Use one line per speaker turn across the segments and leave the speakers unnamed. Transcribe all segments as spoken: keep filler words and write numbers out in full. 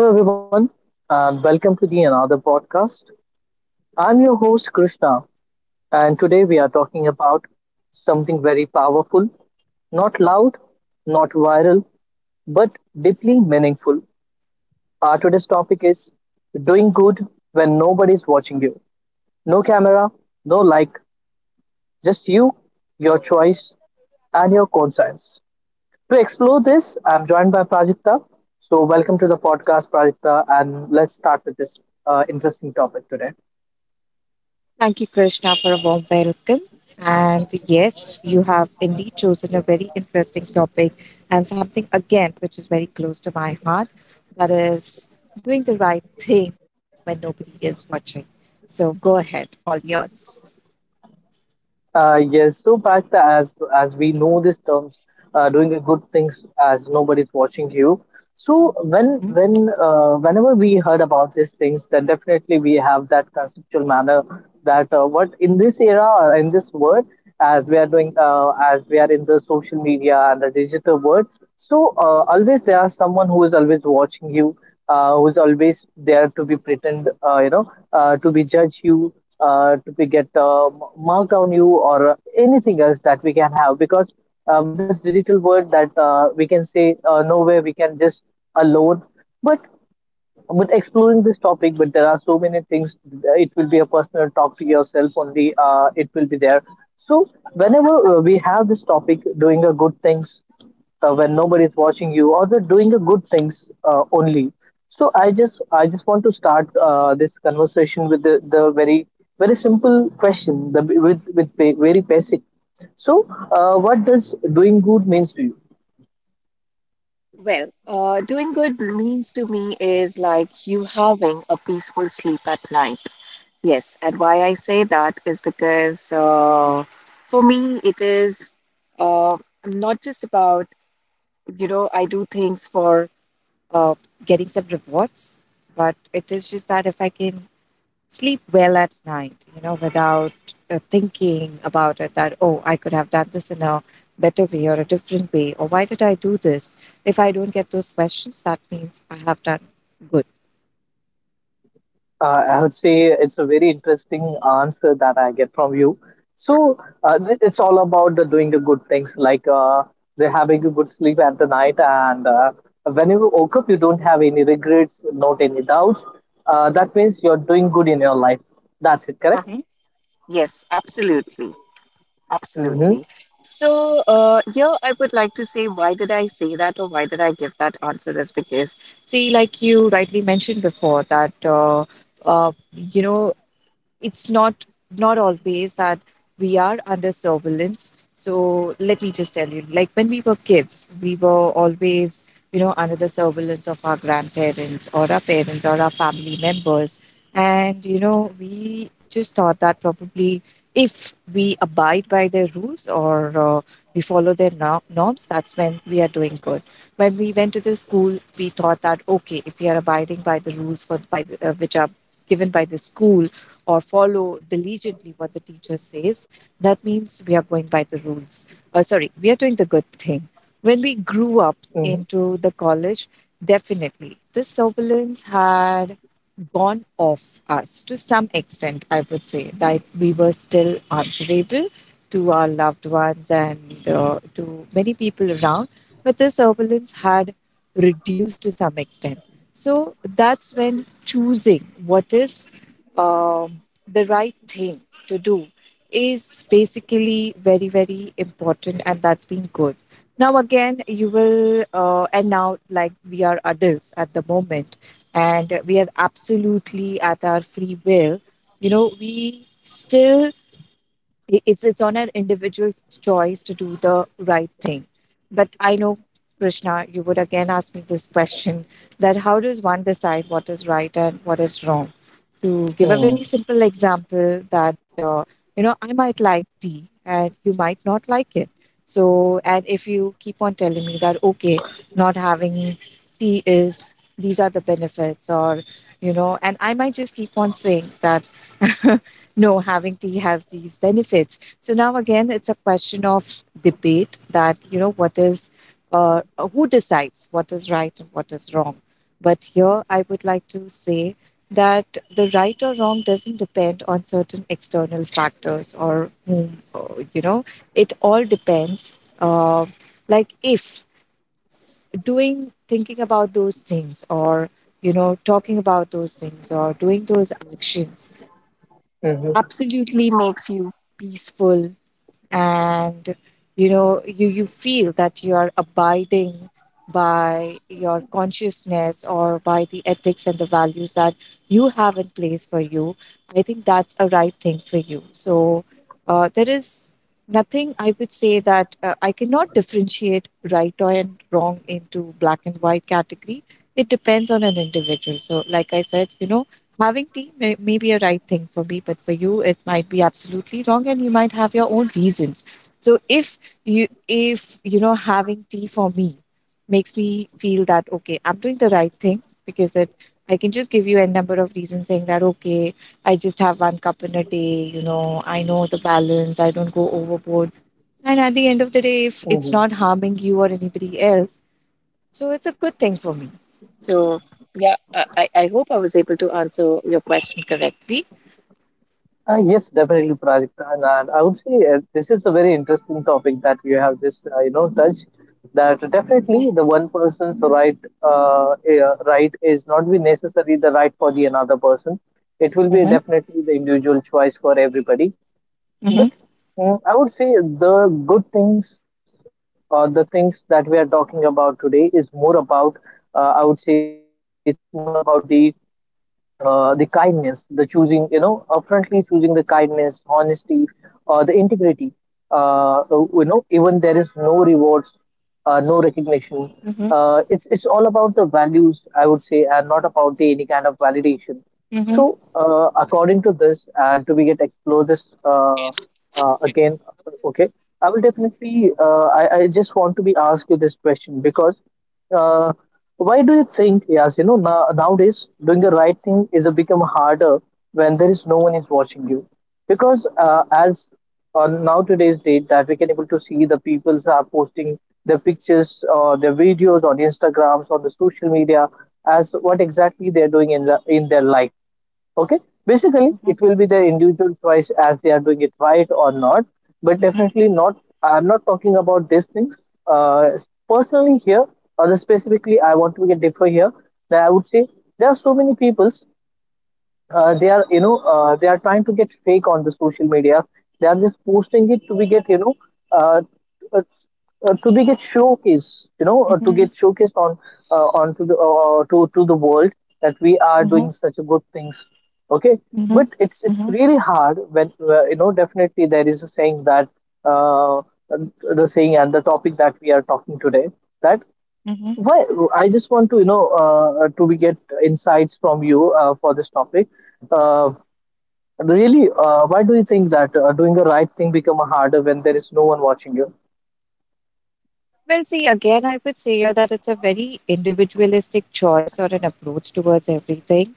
Hello, everyone, and welcome to the another podcast. I'm your host, Krishna, and today we are talking about something very powerful, not loud, not viral, but deeply meaningful. Our today's topic is doing good when nobody's watching you. No camera, no like, just you, your choice, and your conscience. To explore this, I'm joined by Prajakta. So, welcome to the podcast, Prajakta, and let's start with this uh, interesting topic today.
Thank you, Krishna, for a warm welcome. And yes, you have indeed chosen a very interesting topic and something, again, which is very close to my heart, that is doing the right thing when nobody is watching. So go ahead, all yours.
Uh, yes, so back as as we know these terms, uh, doing a good things as nobody's watching you. So when
Mhm.
when uh, whenever we heard about these things, then definitely we have that conceptual manner that uh, what in this era or in this world, as we are doing uh, as we are in the social media and the digital world. So uh, always there is someone who is always watching you, uh, who's always there to be pretend, uh, you know, uh, to be judge you, uh, to be get uh, mark on you or uh, anything else that we can have, because uh, with this digital world that uh, we can say uh, nowhere we can just alone. But but exploring this topic, but there are so many things, uh, it will be a personal talk to yourself only, uh, it will be there. So whenever uh, we have this topic doing a good things uh, when nobody is watching you, or the doing a good things uh, only, so i just i just want to start uh, this conversation with the, the very very simple question, the with with ba- very basic. So uh, what does doing good means to you?
Well, uh, doing good means to me is like you having a peaceful sleep at night. Yes, and why I say that is because uh, for me, it is uh, not just about you know I do things for uh, getting some rewards, but it is just that if I can sleep well at night, you know, without uh, thinking about it that oh, I could have done this in a better way or a different way or why did I do this. If I don't get those questions, that means I have done good.
Uh, I would say it's a very interesting answer that I get from you. So uh, th- it's all about the doing the good things, like uh, the having a good sleep at the night, and uh, when you woke up, you don't have any regrets, not any doubts. Uh, that means you're doing good in your life. That's it, correct?
Mhm. Yes, absolutely.
Mm-hmm.
Absolutely. So, uh, here I would like to say, why did I say that or why did I give that answer is because, see, like you rightly mentioned before, that, uh, uh, you know, it's not not always that we are under surveillance. So let me just tell you, like when we were kids, we were always, you know, under the surveillance of our grandparents or our parents or our family members. And, you know, we just thought that probably if we abide by their rules, or uh, we follow their no- norms, that's when we are doing good. When we went to the school, we thought that, okay, if we are abiding by the rules for by the, uh, which are given by the school, or follow diligently what the teacher says, that means we are going by the rules. Uh, sorry, we are doing the good thing. When we grew up
Mm-hmm.
into the college, definitely this turbulence had gone off us to some extent, I would say, that we were still answerable to our loved ones and uh, to many people around, but the turbulence had reduced to some extent. So that's when choosing what is um, the right thing to do is basically very, very important, and that's been good. Now, again, you will, uh, and now, like we are adults at the moment, and we are absolutely at our free will, you know, we still i- it's it's on an individual's choice to do the right thing. But I know, Krishna, you would again ask me this question, that how does one decide what is right and what is wrong. To give a
Mm-hmm.
very simple example that uh, you know, I might like tea and you might not like it. So, and if you keep on telling me that okay, not having tea is, these are the benefits, or you know, and I might just keep on saying that no, having tea has these benefits. So now again, it's a question of debate that, you know, what is, uh, who decides what is right and what is wrong. But here I would like to say that the right or wrong doesn't depend on certain external factors or, whom, or, you know, it all depends. Uh, like if s- doing, thinking about those things, or, you know, talking about those things or doing those actions
Mm-hmm.
absolutely makes you peaceful, and you know, you you feel that you are abiding by your consciousness or by the ethics and the values that you have in place for you, I think that's a right thing for you. So uh, there is nothing, I would say, that uh, I cannot differentiate right or and wrong into black and white category. It depends on an individual. So like I said, you know, having tea may, may be a right thing for me, but for you, it might be absolutely wrong, and you might have your own reasons. So if you if you know having tea for me makes me feel that okay, I'm doing the right thing, because it, I can just give you a number of reasons saying that okay, I just have one cup in a day, you know, I know the balance, I don't go overboard. And at the end of the day, if it's
Mm-hmm.
not harming you or anybody else, so it's a good thing for me. So yeah, I, I I hope I was able to answer your question correctly.
Uh, yes, definitely, Prajakta, and, and I would say uh, this is a very interesting topic that you have just uh, you know touched. That
Mm-hmm.
definitely the one person's right uh, uh, right is not be necessarily the right for the another person. It will be
Mm-hmm.
definitely the individual choice for everybody. But
Mm-hmm.
mm, I would say the good things or the things that we are talking about today is more about. Uh, I would say it's more about the uh, the kindness, the choosing, you know, upfrontly choosing the kindness, honesty, uh, the integrity. Uh, you know, even there is no rewards, uh, no recognition.
Mm-hmm.
Uh, it's it's all about the values, I would say, and not about the any kind of validation.
Mm-hmm.
So, uh, according to this, and to we get explore this uh, uh, again, okay, I will definitely. Uh, I I just want to be ask you this question, because uh, why do you think, yes, you know, now, nowadays doing the right thing is a become harder when there is no one is watching you? Because uh, as on now today's date, that we can able to see the peoples are posting their pictures or their videos on Instagrams, on the social media, as what exactly they're doing in the in their life, okay. Basically it will be their individual choice as they are doing it right or not, but
Mm-hmm.
definitely not, I'm not talking about these things uh, personally here, or specifically I want to get differ here, that I would say there are so many peoples, uh, they are you know uh, they are trying to get fake on the social media. They are just posting it to be get, you know uh, uh, uh, to be get showcase you know uh, to
Mm-hmm.
get showcased on, uh, onto the, uh, uh, to to the world, that we are
Mm-hmm.
doing such a good things, okay.
Mm-hmm.
But it's it's really hard, when uh, you know definitely there is a saying, that uh, the saying and the topic that we are talking today, that
Mm-hmm.
why I just want to, you know, uh, to be get insights from you uh, for this topic. Uh, Really, uh, why do you think that uh, doing the right thing become harder when there is no one watching you?
Well, see, again, I would say here that it's a very individualistic choice or an approach towards everything.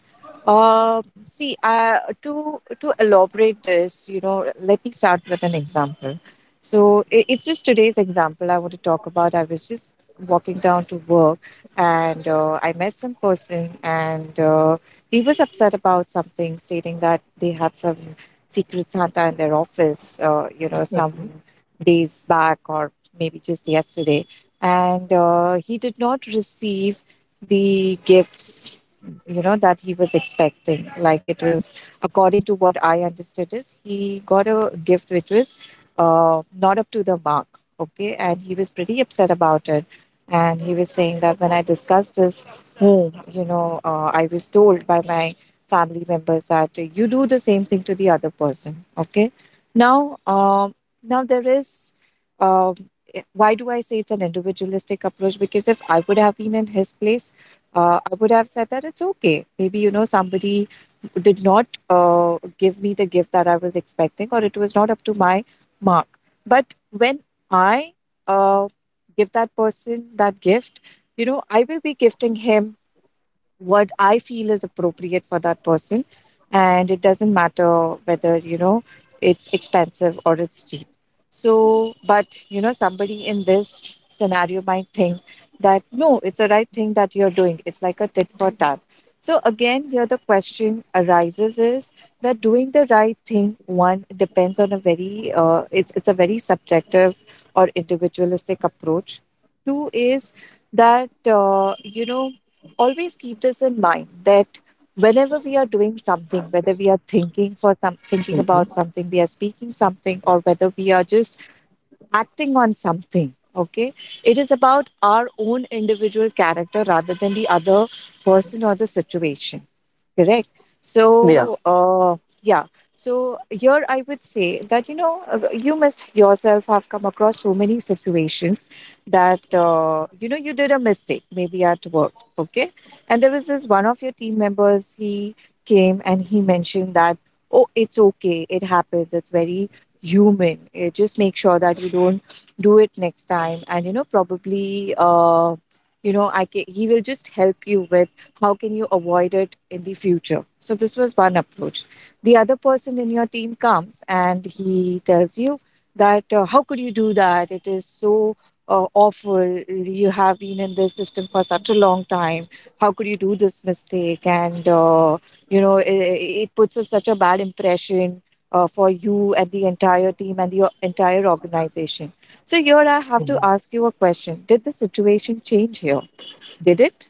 Um, see, uh, to to elaborate this, you know, let me start with an example. So i- it's just today's example I want to talk about. I was just walking down to work, and uh, I met some person, and uh, he was upset about something, stating that they had some secret Santa in their office, uh, you know, some
Mhm.
days back or maybe just yesterday, and uh, he did not receive the gifts, you know, that he was expecting. Like it was, according to what I understood, is he got a gift which was uh, not up to the mark. Okay, and he was pretty upset about it, and he was saying that when I discussed this home, you know, uh, I was told by my family members that uh, you do the same thing to the other person. Okay, now um, now there is uh, why do I say it's an individualistic approach? Because if I would have been in his place, uh, I would have said that it's okay. Maybe, you know, somebody did not uh, give me the gift that I was expecting, or it was not up to my mark. But when I uh, give that person that gift, you know, I will be gifting him what I feel is appropriate for that person. And it doesn't matter whether, you know, it's expensive or it's cheap. So, but, you know, somebody in this scenario might think that no, it's a right thing that you're doing. It's like a tit for tat. So, again, here the question arises is that doing the right thing, one, depends on a very, uh, it's, it's a very subjective or individualistic approach. Two is that, uh, you know, always keep this in mind that whenever we are doing something, whether we are thinking for some thinking
Mhm.
about something, we are speaking something, or whether we are just acting on something, okay, it is about our own individual character rather than the other person or the situation, correct? So
Yeah.
uh, yeah, so here I would say that you know, uh, you must yourself have come across so many situations that uh, you know, you did a mistake maybe at work, okay, and there was this one of your team members, he came and he mentioned that oh, it's okay, it happens, it's very human. Uh, just make sure that you don't do it next time. And you know, probably, uh, you know, I ca he will just help you with how can you avoid it in the future. So this was one approach. The other person in your team comes and he tells you that uh, how could you do that? It is so uh, awful. You have been in this system for such a long time. How could you do this mistake? And uh, you know, it, it puts us such a bad impression uh, for you and the entire team and your entire organization. So, here I have to
Mhm.
ask you a question. Did the situation change here? Did it?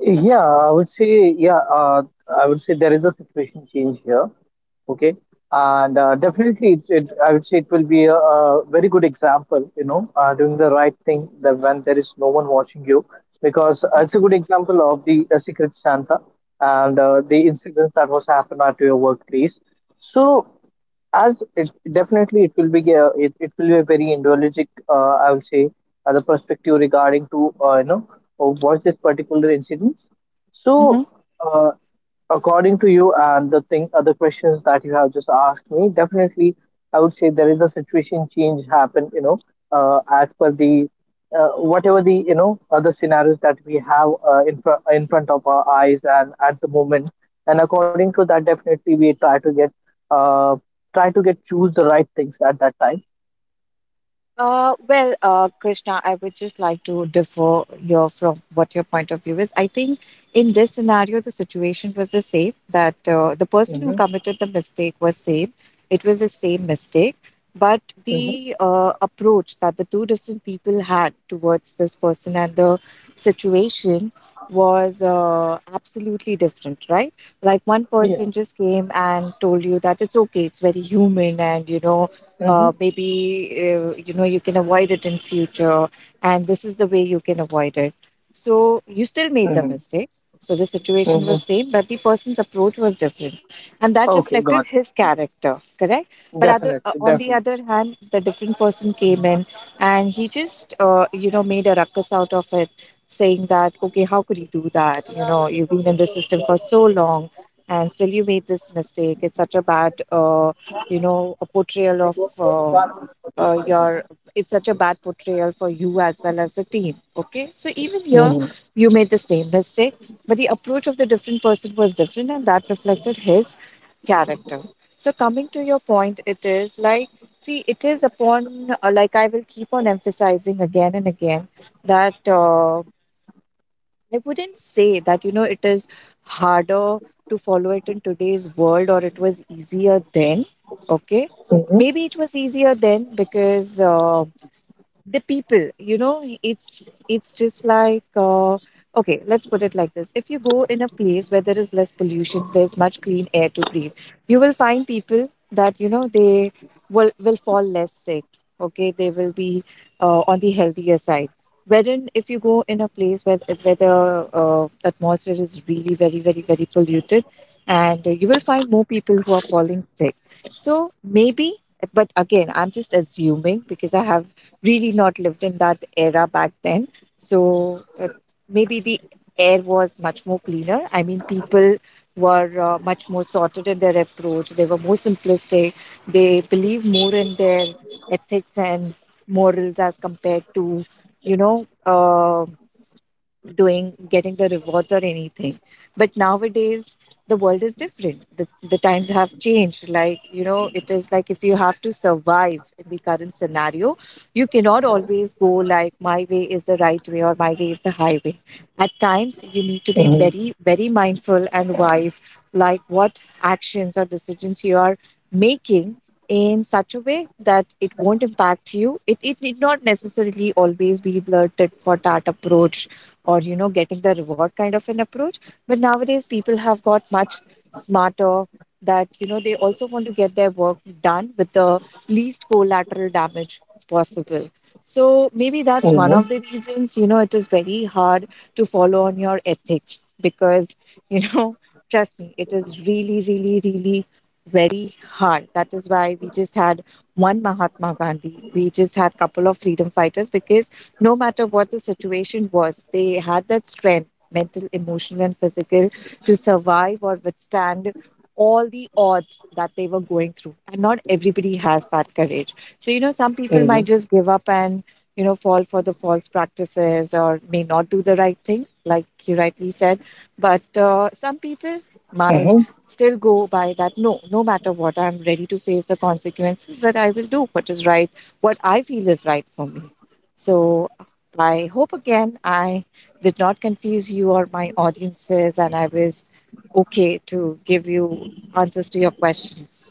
Yeah, I would say, yeah, uh, I would say there is a situation change here. Okay, and uh, definitely it's it, I would say it will be a, a very good example, you know uh, doing the right thing, that when there is no one watching you, because uh,
Mhm.
it's a good example of the uh, secret Santa, and uh, the incidents that was happened at your workplace. So as it definitely it will be a, it, it will be a very ideologic, uh, I would say, uh, the perspective regarding to, uh, you know uh, what this particular incident. So,
Mhm.
uh, according to you, and the thing, other questions that you have just asked me, definitely, I would say there is a situation change happen. You know, uh, as per the uh, whatever the you know other scenarios that we have, uh, in fr- in front of our eyes and at the moment, and according to that, definitely we try to get uh, try to get choose the right things at that time.
Uh, well, uh, Krishna, I would just like to differ your from what your point of view is. I think in this scenario, the situation was the same, that uh, the person who
Hmm.
committed the mistake was same. It was the same mistake, but
Hmm.
the uh, approach that the two different people had towards this person and the situation was uh, absolutely different, right? Like one
Yeah.
person just came and told you that it's okay, it's very human, and you know uh,
Hmm.
maybe uh, you know you can avoid it in future, and this is the way you can avoid it, so you still made the
Hmm.
mistake. So the situation was
Hmm.
same, but the person's approach was different, and that
Okay,
reflected
got
his character, correct.
it.
But other, uh,
Definitely,
on the
definitely.
other hand, the different person came in and he just uh, you know made a ruckus out of it, saying that okay, how could you do that, you know, you've been in the system for so long and still you made this mistake. It's such a bad uh, you know a portrayal of uh, uh, your it's such a bad portrayal for you as well as the team. Okay, so even here
Mhm.
you made the same mistake, but the approach of the different person was different, and that reflected his character. So coming to your point, it is like, see, it is upon uh, like, I will keep on emphasizing again and again that uh, I wouldn't say that, you know, it is harder to follow it in today's world, or it was easier then. Okay. Maybe it was easier then because uh, the people, you know, it's it's just like uh, okay, let's put it like this. If you go in a place where there is less pollution, there's much clean air to breathe, you will find people that, you know, they will will fall less sick. Okay, they will be uh, on the healthier side. Wherein if you go in a place where where the uh, atmosphere is really very, very, very polluted, and you will find more people who are falling sick. So maybe, but again I'm just assuming because I have really not lived in that era back then. So uh, maybe the air was much more cleaner. I mean, people were uh, much more sorted in their approach. They were more simplistic. They believed more in their ethics and morals as compared to, you know, uh, doing, getting the rewards or anything. But nowadays the world is different. The, the times have changed. Like, you know, it is like, if you have to survive in the current scenario, you cannot always go like, my way is the right way, or my way is the highway. At times you need to
Mm-hmm.
be very, very mindful and wise, like what actions or decisions you are making, in such a way that it won't impact you. It, it need not necessarily always be the tit for tat approach, or you know, getting the reward kind of an approach. But nowadays people have got much smarter, that you know, they also want to get their work done with the least collateral damage possible. So maybe that's one of
Mm-hmm.
the reasons, you know, it is very hard to follow on your ethics, because you know, trust me, it is really, really, really very hard. That is why we just had one Mahatma Gandhi, we just had couple of freedom fighters, because no matter what the situation was, they had that strength, mental, emotional, and physical, to survive or withstand all the odds that they were going through. And not everybody has that courage. So, you know, some people might
Mm-hmm.
just give up and, you know, fall for the false practices, or may not do the right thing, like you rightly said. But uh, some
Mm-hmm.
people might still go by that, no, no matter what, I'm ready to face the consequences, but I will do what is right, what I feel is right for me. So I hope again I did not confuse you or my audiences, and I was okay to give you answers to your questions.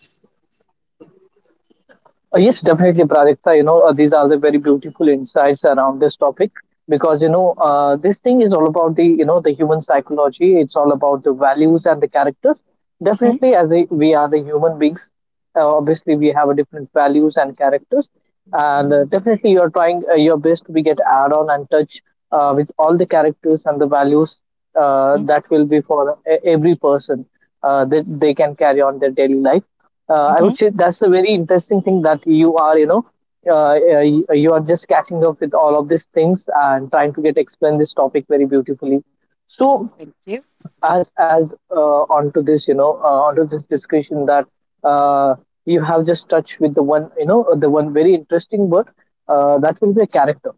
Uh, yes, definitely, Prajakta. You know, uh, these are the very beautiful insights around this topic, because you know uh, this thing is all about the you know the human psychology. It's all about the values and the characters.
Hmm.
Definitely, as a, we are the human beings, uh, obviously we have a different values and characters, and uh, definitely you are trying uh, your best to be get add on and touch uh, with all the characters and the values, uh,
Hmm.
that will be for e- every person, uh, that they can carry on their daily life. Uh, I would
Hmm.
say that's a very interesting thing, that you are, you know, uh, uh, y- you are just catching up with all of these things and trying to get explain this topic very beautifully. So
Thank you.
as as uh, onto this, you know, uh, onto this discussion, that uh, you have just touched with the one, you know, the one very interesting word, uh, that will be a character,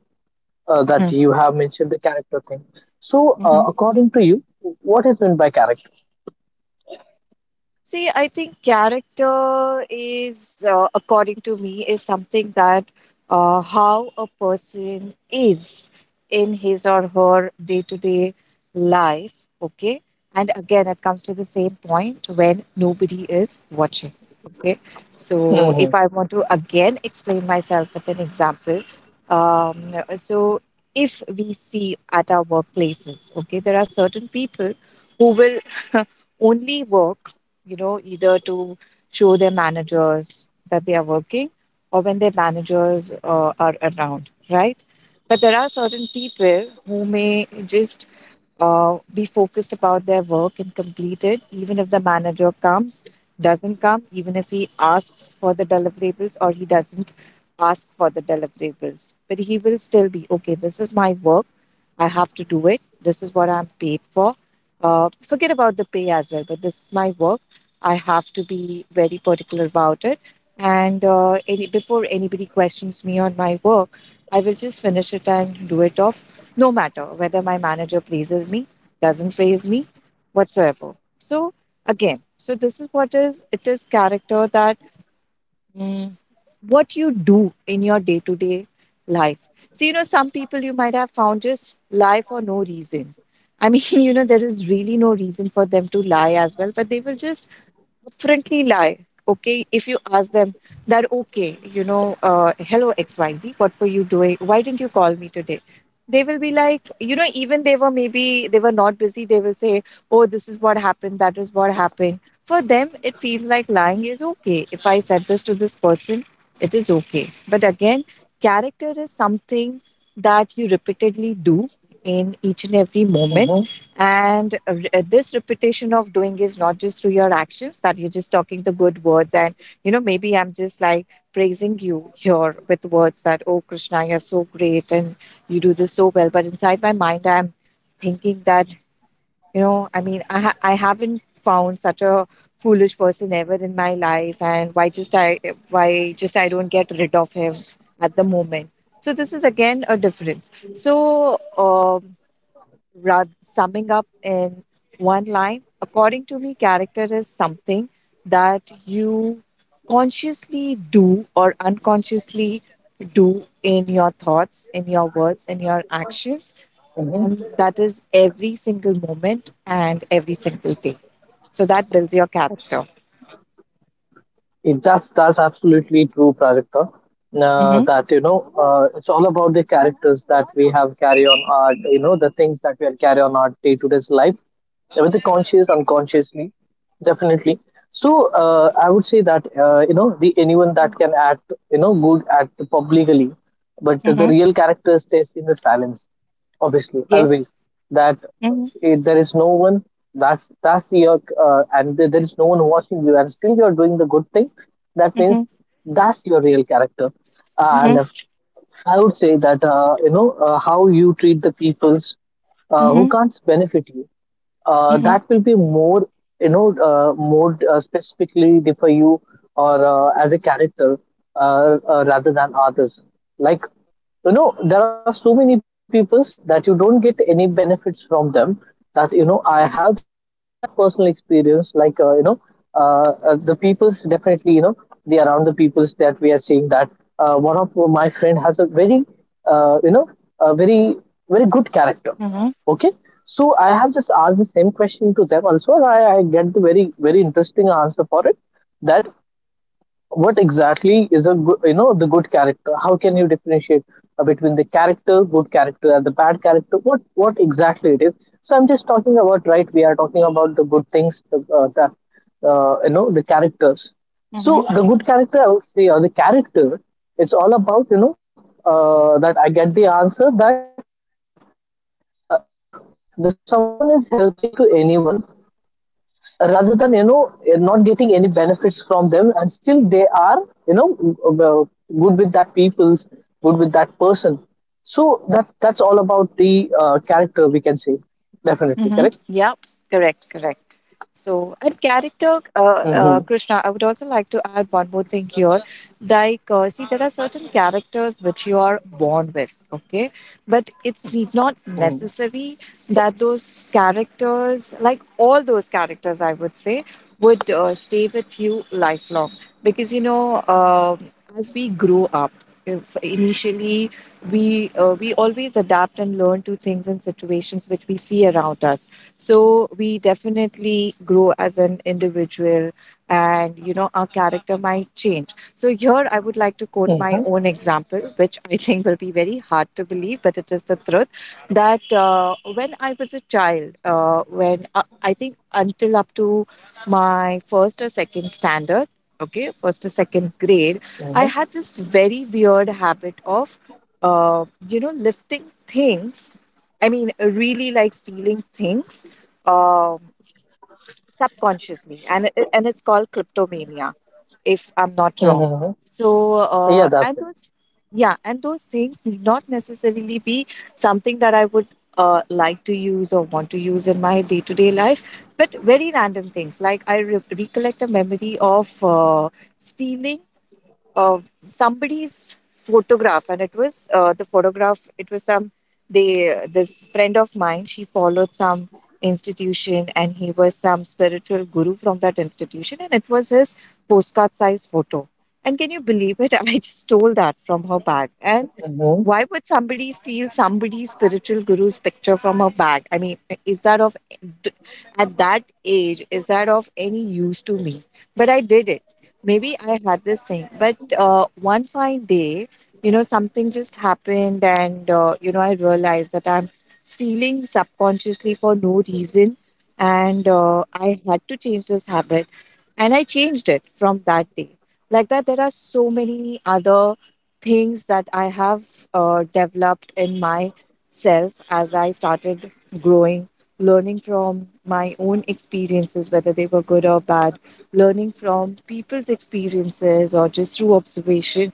uh, that
Hmm.
you have mentioned the character thing. So, uh, according to you, what is meant by character?
See, I think character is, uh, according to me, is something that uh, how a person is in his or her day to day life. Okay. And again, it comes to the same point when nobody is watching. Okay. So, if
Mm-hmm.
I want to again explain myself with an example, um, so if we see at our workplaces, okay, there are certain people who will only work, you know, either to show their managers that they are working, or when their managers uh, are around, right? But there are certain people who may just uh, be focused about their work and complete it, even if the manager comes, doesn't come, even if he asks for the deliverables or he doesn't ask for the deliverables. But he will still be okay, this is my work. I have to do it. This is what I'm paid for. Uh, forget about the pay as well, but this is my work. I have to be very particular about it. And uh, any, before anybody questions me on my work, I will just finish it and do it off, no matter whether my manager praises me, doesn't praise me, whatsoever. So again, so this is what is, it is character, that mm, what you do in your day to day life. So you know, some people you might have found just lie for no reason. I mean, you know, there is really no reason for them to lie as well, but they will just upfrontly lie. Okay, if you ask them that, okay, you know, uh, hello X Y Z, what were you doing? Why didn't you call me today? They will be like, you know, even they were, maybe they were not busy, they will say, oh, this is what happened, that is what happened. For them, it feels like lying is okay. If I said this to this person, it is okay. But again, character is something that you repeatedly do in each and every moment.
Mm-hmm.
And uh, re- uh, this repetition of doing is not just through your actions, that you're just talking the good words. And, you know, maybe I'm just like praising you here with words that, oh, Krishna, you're so great and you do this so well. But inside my mind, I'm thinking that, you know, I mean, I, ha- I haven't found such a foolish person ever in my life. And why just I, why just I don't get rid of him at the moment. So this is again a difference. So, um ra- summing up in one line, according to me, character is something that you consciously do or unconsciously do in your thoughts, in your words, in your actions.
Mm-hmm.
And that is every single moment and every single day. So that builds your character.
It, that's that's absolutely true, Prajakta. Uh,
Mm-hmm.
that you know, uh, it's all about the characters that we have carry on our, you know, the things that we are carry on our day-to-day life, whether conscious, unconsciously, definitely. So, uh, I would say that uh, you know, the anyone that can act, you know, good, act publicly, but the, the
Mm-hmm.
real characters stays in the silence, obviously,
Yes.
always, that
Mm-hmm.
it, there is no one. That's that's the uh, uh, and there there is no one watching you, and still you're doing the good thing, that means
Mm-hmm.
that's your real character. And
Mm-hmm.
uh, I would say that uh, you know uh, how you treat the peoples uh, who
Mm-hmm.
can't benefit you, uh, that will be more, you know uh, more uh, specifically differ you, or uh, as a character, uh, uh, rather than others, like, you know there are so many peoples that you don't get any benefits from them, that you know I have that personal experience, like, uh, you know uh, uh, the peoples, definitely, you know the around the peoples that we are seeing, that uh, one of my friend has a very, uh, you know a very very good character.
Mm-hmm.
Okay, so I have just asked the same question to them also, and I, I get the very very interesting answer for it. That what exactly is a good, you know the good character. How can you differentiate uh, between the character, good character, and the bad character, what what exactly it is. So I'm just talking about right, we are talking about the good things, the, uh, the uh, you know the characters.
Mm-hmm.
So the good character, I would say, or the character, it's all about, you know uh, that I get the answer, that uh, if the someone is helping to anyone, rather than, you know eh, not getting any benefits from them, and still they are, you know uh, good with that people's good with that person. So that that's all about the uh, character, we can say, definitely, correct.
Mm-hmm. Yep, correct, correct. So, and character,
Mm-hmm.
uh, uh, Krishna, I would also like to add one more thing here. Like, uh, see, there are certain characters which you are born with, okay? But it's need not
Mm-hmm.
necessary that those characters, like all those characters, I would say, would uh, stay with you lifelong. Because, you know, um as we grow up, if initially, we uh, we always adapt and learn to things and situations which we see around us, so we definitely grow as an individual, and you know, our character might change. So here I would like to quote
Mm-hmm.
my own example, which I think will be very hard to believe, but it is the truth, that uh, when I was a child, uh, when uh, I think until up to my first or second standard, okay, first or second grade,
Mm-hmm.
I had this very weird habit of uh, you know, lifting things, I mean, really like stealing things, um subconsciously. And, it- and it's called kleptomania, if I'm not wrong.
Mm-hmm.
So,
Yeah,
uh,
that's
and
it.
those, yeah, and those things need not necessarily be something that I would uh, like to use or want to use in my day to day life, but very random things. Like I re- recollect a memory of uh, stealing uh, somebody's photograph, and it was uh, the photograph it was some, they, this friend of mine, she followed some institution, and he was some spiritual guru from that institution, and it was his postcard size photo. And can you believe it, I just stole that from her bag. And
Mm-hmm.
why would somebody steal somebody's spiritual guru's picture from her bag? I mean, is that of, at that age, is that of any use to me? But I did it. Maybe I had this thing, but uh, one fine day, you know, something just happened, and uh, you know, I realized that I'm stealing subconsciously for no reason, and uh, I had to change this habit, and I changed it from that day. Like that, there are so many other things that I have uh, developed in myself as I started growing, learning from my own experiences, whether they were good or bad, learning from people's experiences or just through observation,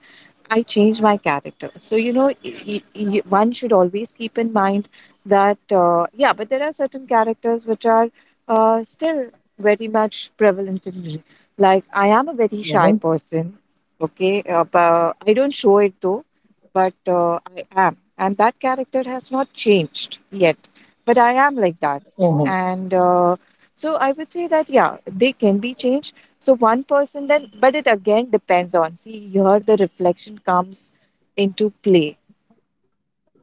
I changed my character. So, you know, y- y- one should always keep in mind that, uh, yeah, but there are certain characters which are uh, still very much prevalent in me. Like, I am a very shy
Mm-hmm.
person, okay? Uh, but I don't show it though, but uh, I am. And that character has not changed yet. But I am like
Mm-hmm.
that. And uh, so I would say that yeah, they can be changed. So one person then, but it again depends on. See, here the reflection comes into play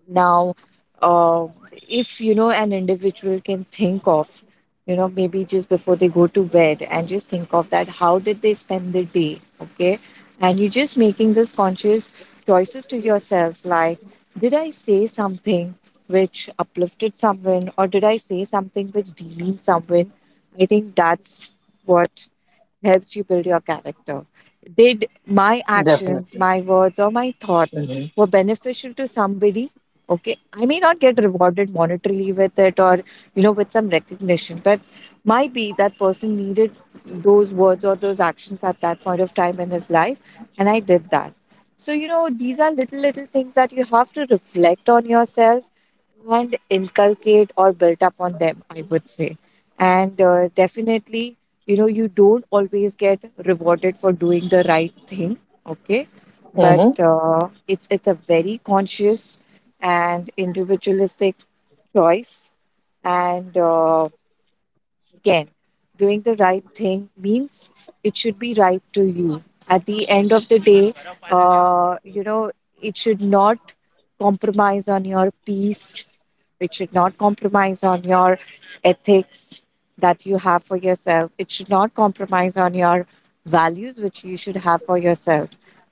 now, uh, if you know, an individual can think of, you know, maybe just before they go to bed, and just think of that, how did they spend the day, okay, and you are just making this conscious choices to yourselves, like, did I say something which uplifted someone, or did I say something which demeaned someone? I think that's what helps you build your character. Did my
Definitely.
actions, my words, or my thoughts
Mm-hmm.
were beneficial to somebody, okay? I may not get rewarded monetarily with it, or you know, with some recognition, but might be that person needed those words or those actions at that point of time in his life, and I did that. So you know, these are little little things that you have to reflect on yourself and inculcate or build up on them, I would say. And uh, Definitely, you know, you don't always get rewarded for doing the right thing, okay? but
Mm-hmm.
uh, it's it's a very conscious and individualistic choice. And uh, Again, doing the right thing means it should be right to you. At the end of the day, uh, you know, it should not compromise on your peace. It should not compromise on your ethics that you have for yourself. It should not compromise on your values, which you should have for yourself.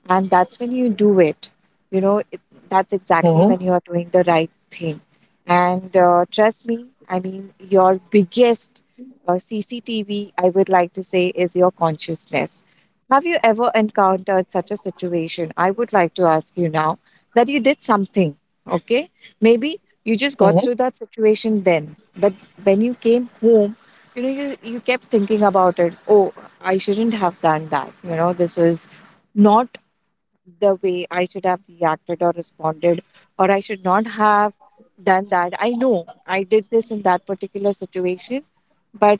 And that's when you do it. You know, it, that's exactly when
Mm-hmm.
you are doing the right thing. And uh, Trust me, I mean, your biggest uh, C C T V, I would like to say, is your consciousness. Have you ever encountered such a situation? I would like to ask you now that you did something, okay? Maybe you just got
Mm-hmm.
through that situation then, but when you came home, you know, you, you kept thinking about it. Oh, I shouldn't have done that. You know, this was not the way I should have reacted or responded, or I should not have done that. I know I did this in that particular situation, but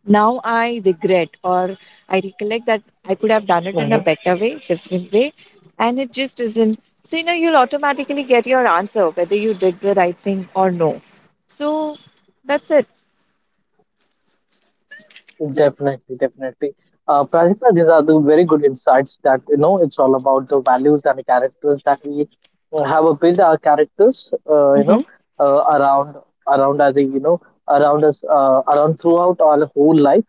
now I regret, or I recollect that I could have
Mm-hmm.
done it in a better way, different way, and it just isn't. So, you know, you'll automatically get your answer whether you did the right thing or no. So, that's it.
Definitely, definitely. Uh, Pradipta, these are the very good insights that you know it's all about the values and the characters that we uh, have uh, built our characters, uh, you
Mm-hmm, mm-hmm,
know, uh, around around as a you know around us, uh, around throughout our whole life.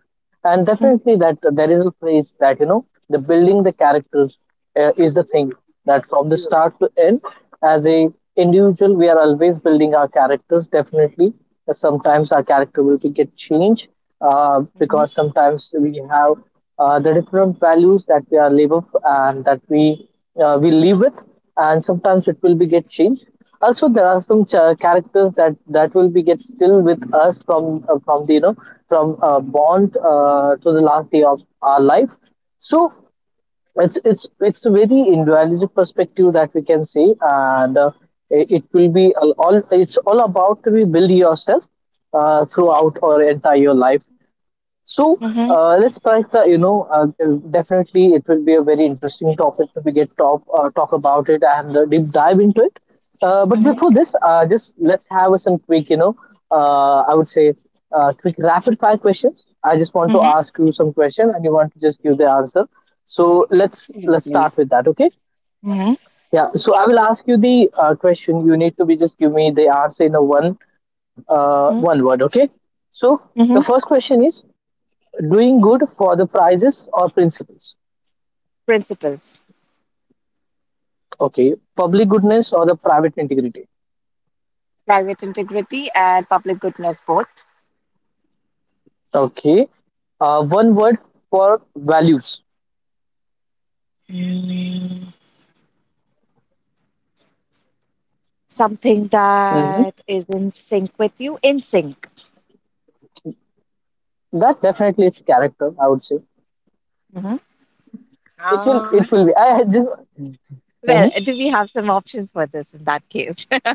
And definitely that there is a phrase that you know the building the characters uh, is the thing that from the start to end as a individual we are always building our characters. Definitely sometimes our character will be get changed, uh,
mm-hmm,
because sometimes we have uh, the different values that we are live with, and that we uh, we live with, and sometimes it will be get changed. Also there are some ch- characters that that will be get still with us from uh, from the you know from uh, bond uh, to the last day of our life. So it's it's it's a very individualistic perspective that we can see, and uh, it it will be all all- it's all about to be build yourself uh, throughout or entire your life. So, uh, let's
mm-hmm,
try the you know uh, uh, definitely it will be a very interesting topic to be get talk uh, talk about it, and uh, deep dive into it. Uh, but before this,
mm-hmm,
uh, just let's have some quick, you know, uh, I would say, uh, quick rapid fire questions. I just want to
mm-hmm.
ask you some question, and you want to just give the answer. So let's let's
Absolutely.
start with that, okay?
Mm-hmm,
Yeah. So I will ask you the uh, question. You need to be just give me the answer in a one uh,
mm-hmm,
one word, okay? So the
mm-hmm.
first question is, doing good for the prizes or principles.
Principles.
Okay, public goodness or the private integrity.
Private integrity and public goodness both.
Okay, uh, one word for values.
Mm. Something
Mhm.
that is in sync with you, in sync.
That definitely is character, I would say.
Mm-hmm.
It will, it will be. I had just.
Well,
Mhm.
do we have some options for this in that case?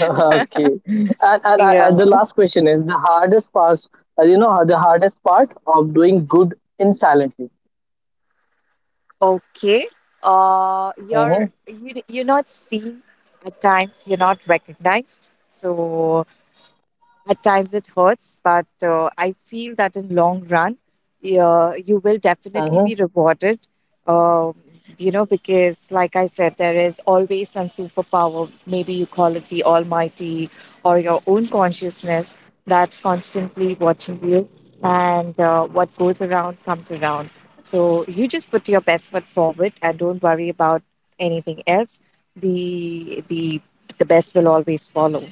Okay. And, and I, I,
Yeah.
the last question is the hardest part, uh, you know, the hardest part of doing good in silently.
Okay. Uh, you're
Mm-hmm.
you you're not seen at times. You're not recognized. So at times it hurts, but uh, I feel that in long run, uh, you will
Mm-hmm.
definitely be rewarded. Um, you know, because like I said, there is always some superpower. Maybe you call it the Almighty or your own consciousness that's constantly watching you, and uh, what goes around comes around. So you just put your best foot forward and don't worry about anything else. The the the best will always follow.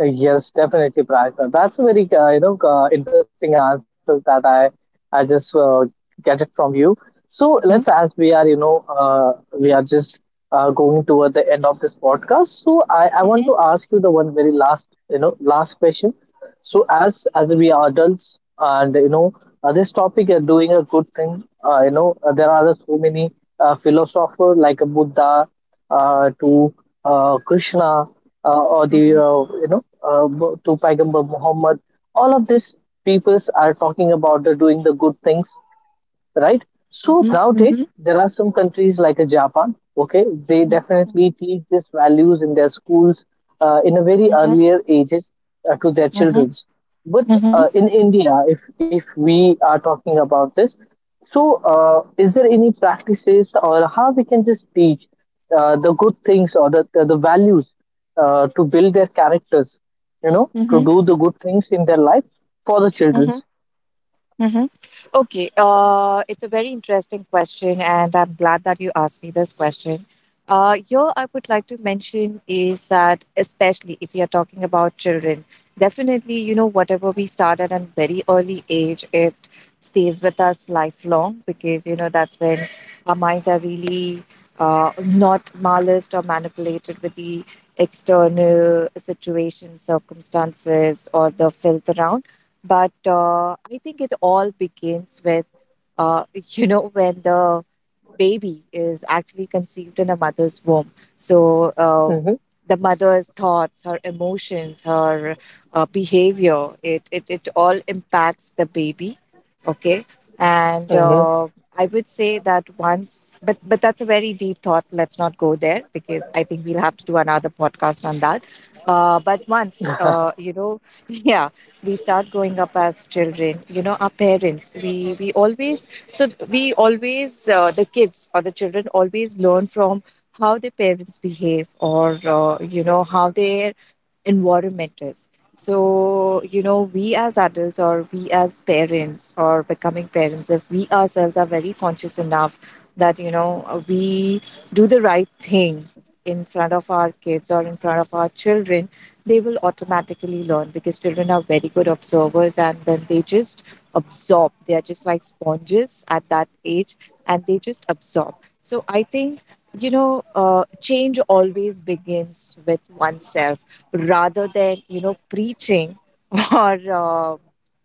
Uh, Yes, definitely, Prajna. That's a very uh, you know uh, interesting answer that I I just uh, get it from you. So let's,
Mhm,
as we are you know uh, we are just uh, going toward the end of this podcast. So I I want
mhm,
to ask you the one very last you know last question. So as as we are adults, and you know uh, this topic is doing a good thing. Uh, you know uh, there are so many uh, philosopher like a Buddha uh, to uh, Krishna uh, or the
mhm,
uh, you know uh, to Paigambar Muhammad. All of these peoples are talking about the doing the good things, right? So
mhm,
nowadays
mhm,
there are some countries like uh, Japan. Okay, they
mhm,
definitely teach these values in their schools uh, in a very
mhm,
earlier ages uh, to their
mhm,
childrens. But
mhm, mhm,
uh, in India, if if we are talking about this, so uh, is there any practices, or how we can just teach uh, the good things or the the, the values uh, to build their characters? You know, to
mhm.
do the good things in their life for the
Mhm.
childrens.
Mm-hmm. Okay, uh, it's a very interesting question, and I'm glad that you asked me this question. Uh, here, I would like to mention is that, especially if you're talking about children, definitely, you know, whatever we start at a very early age, it stays with us lifelong because, you know, that's when our minds are really uh, not maliced or manipulated with the external situations, circumstances, or the filth around. But uh, I think it all begins with, uh, you know, when the baby is actually conceived in a mother's womb. So um,
Mm-hmm,
the mother's thoughts, her emotions, her uh, behavior, it, it, it all impacts the baby. Okay. And
mm-hmm,
uh, I would say that once, but but that's a very deep thought. Let's not go there because I think we'll have to do another podcast on that. Uh, but once, uh, you know, yeah, we start growing up as children. You know, our parents, we we always, so we always, uh, the kids or the children always learn from how their parents behave, or uh, you know, how their environment is. So, you know, we as adults or we as parents or becoming parents, if we ourselves are very conscious enough that, you know, uh, we do the right thing in front of our kids or in front of our children, they will automatically learn because children are very good observers, and then they just absorb. They are just like sponges at that age, and they just absorb. So I think, you know, uh, change always begins with oneself rather than, you know, preaching or, uh,
mm-hmm,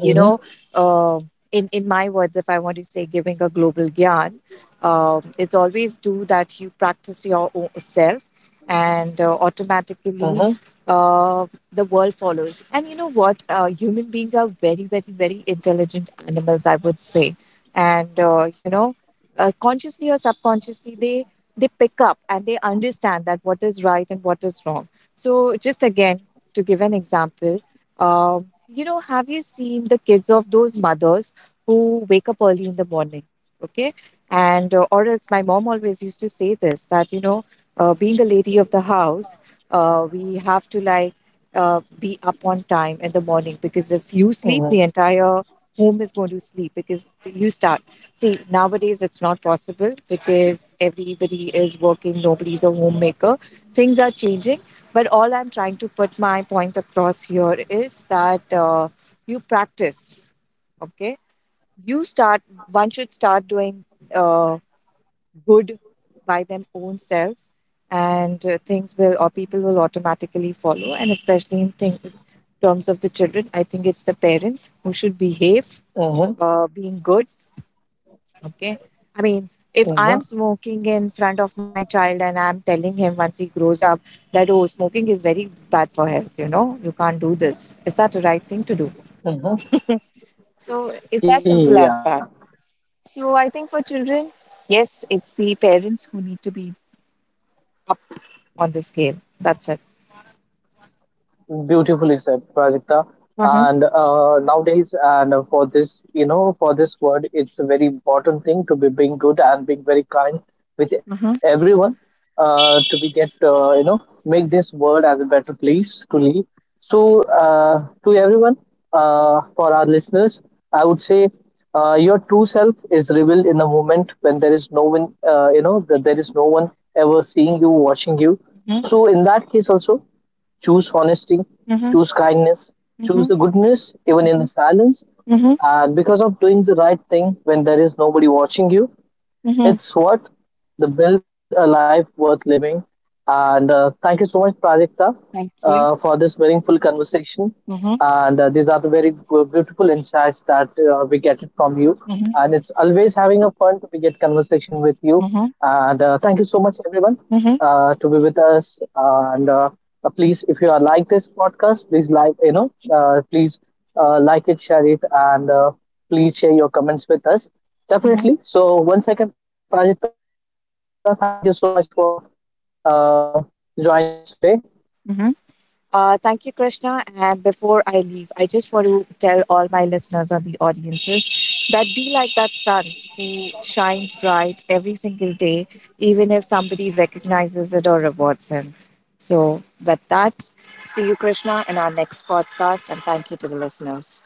you know, uh, in in my words, if I want to say, giving a global gyan, um, it's always do that you practice your own self, and uh,
mm-hmm.
automatically uh, the world follows. And you know what? Uh, human beings are very, very, very intelligent animals, I would say, and uh, you know, uh, consciously or subconsciously, they they pick up and they understand that what is right and what is wrong. So just again, to give an example, um, you know, have you seen the kids of those mothers who wake up early in the morning? Okay. And, uh, or else my mom always used to say this that, you know, uh, being a lady of the house, uh, we have to, like uh, be up on time in the morning because if you
Ừ
sleep, the
hứm,
entire home is going to sleep because you start. See, nowadays it's not possible because everybody is working, nobody's a homemaker. Things are changing, but all I'm trying to put my point across here is that uh, you practice, okay? You start, one should start doing uh, good by them own selves, and uh, things will, or people will automatically follow. And especially in thing, terms of the children, I think it's the parents who should behave,
ừ hứm,
uh, being good. Okay. I mean, if
ừ
I'm
hứm,
smoking in front of my child and I'm telling him once he grows up that, oh, smoking is very bad for health, you know, you can't do this. Is that the right thing to do?
ừm hứm.
So it's as
Thì, à.
simple as that. So I think for children, yes, it's the parents who need to be up on the scale. That's it.
Beautifully said, Pradipta.
Mm-hmm.
And uh, nowadays, and uh, for this, you know, for this word, it's a very important thing to be being good and being very kind with
Mm-hmm.
everyone. Uh, to be get, uh, you know, make this world as a better place to live. So, uh, to everyone, uh, for our listeners, I would say, uh, your true self is revealed in a moment when there is no one, uh, you know, that there is no one ever seeing you, watching you. So, in that case, also. Choose honesty,
Mm-hmm.
choose kindness, choose
Mm-hmm.
the
Mm-hmm.
goodness even in the silence.
Mm-hmm. Mm-hmm.
And because of doing the right thing when there is nobody watching you,
Mm-hmm.
it's what? The build a life worth living. And uh, thank you so much, Prajakta,
Thank you.
uh, for this meaningful conversation.
Mm-hmm.
And uh, these are the very bu- beautiful insights that uh, we get it from you.
Mm-hmm.
And it's always having a fun to get conversation with you.
Mm-hmm.
And uh, thank you so much, everyone,
Mm-hmm.
uh, to be with us. And uh, uh, please, if you are like this podcast, please like, you know, uh, please uh, like it, share it, and uh, please share your comments with us. Definitely. So, once again, Pranjita, thank you so much for uh, joining us today.
Mm-hmm. Uh, thank you, Krishna. And before I leave, I just want to tell all my listeners or the audiences that be like that sun who shines bright every single day, even if somebody recognizes it or rewards him. So, with that, see you, Krishna, in our next podcast. And thank you to the listeners.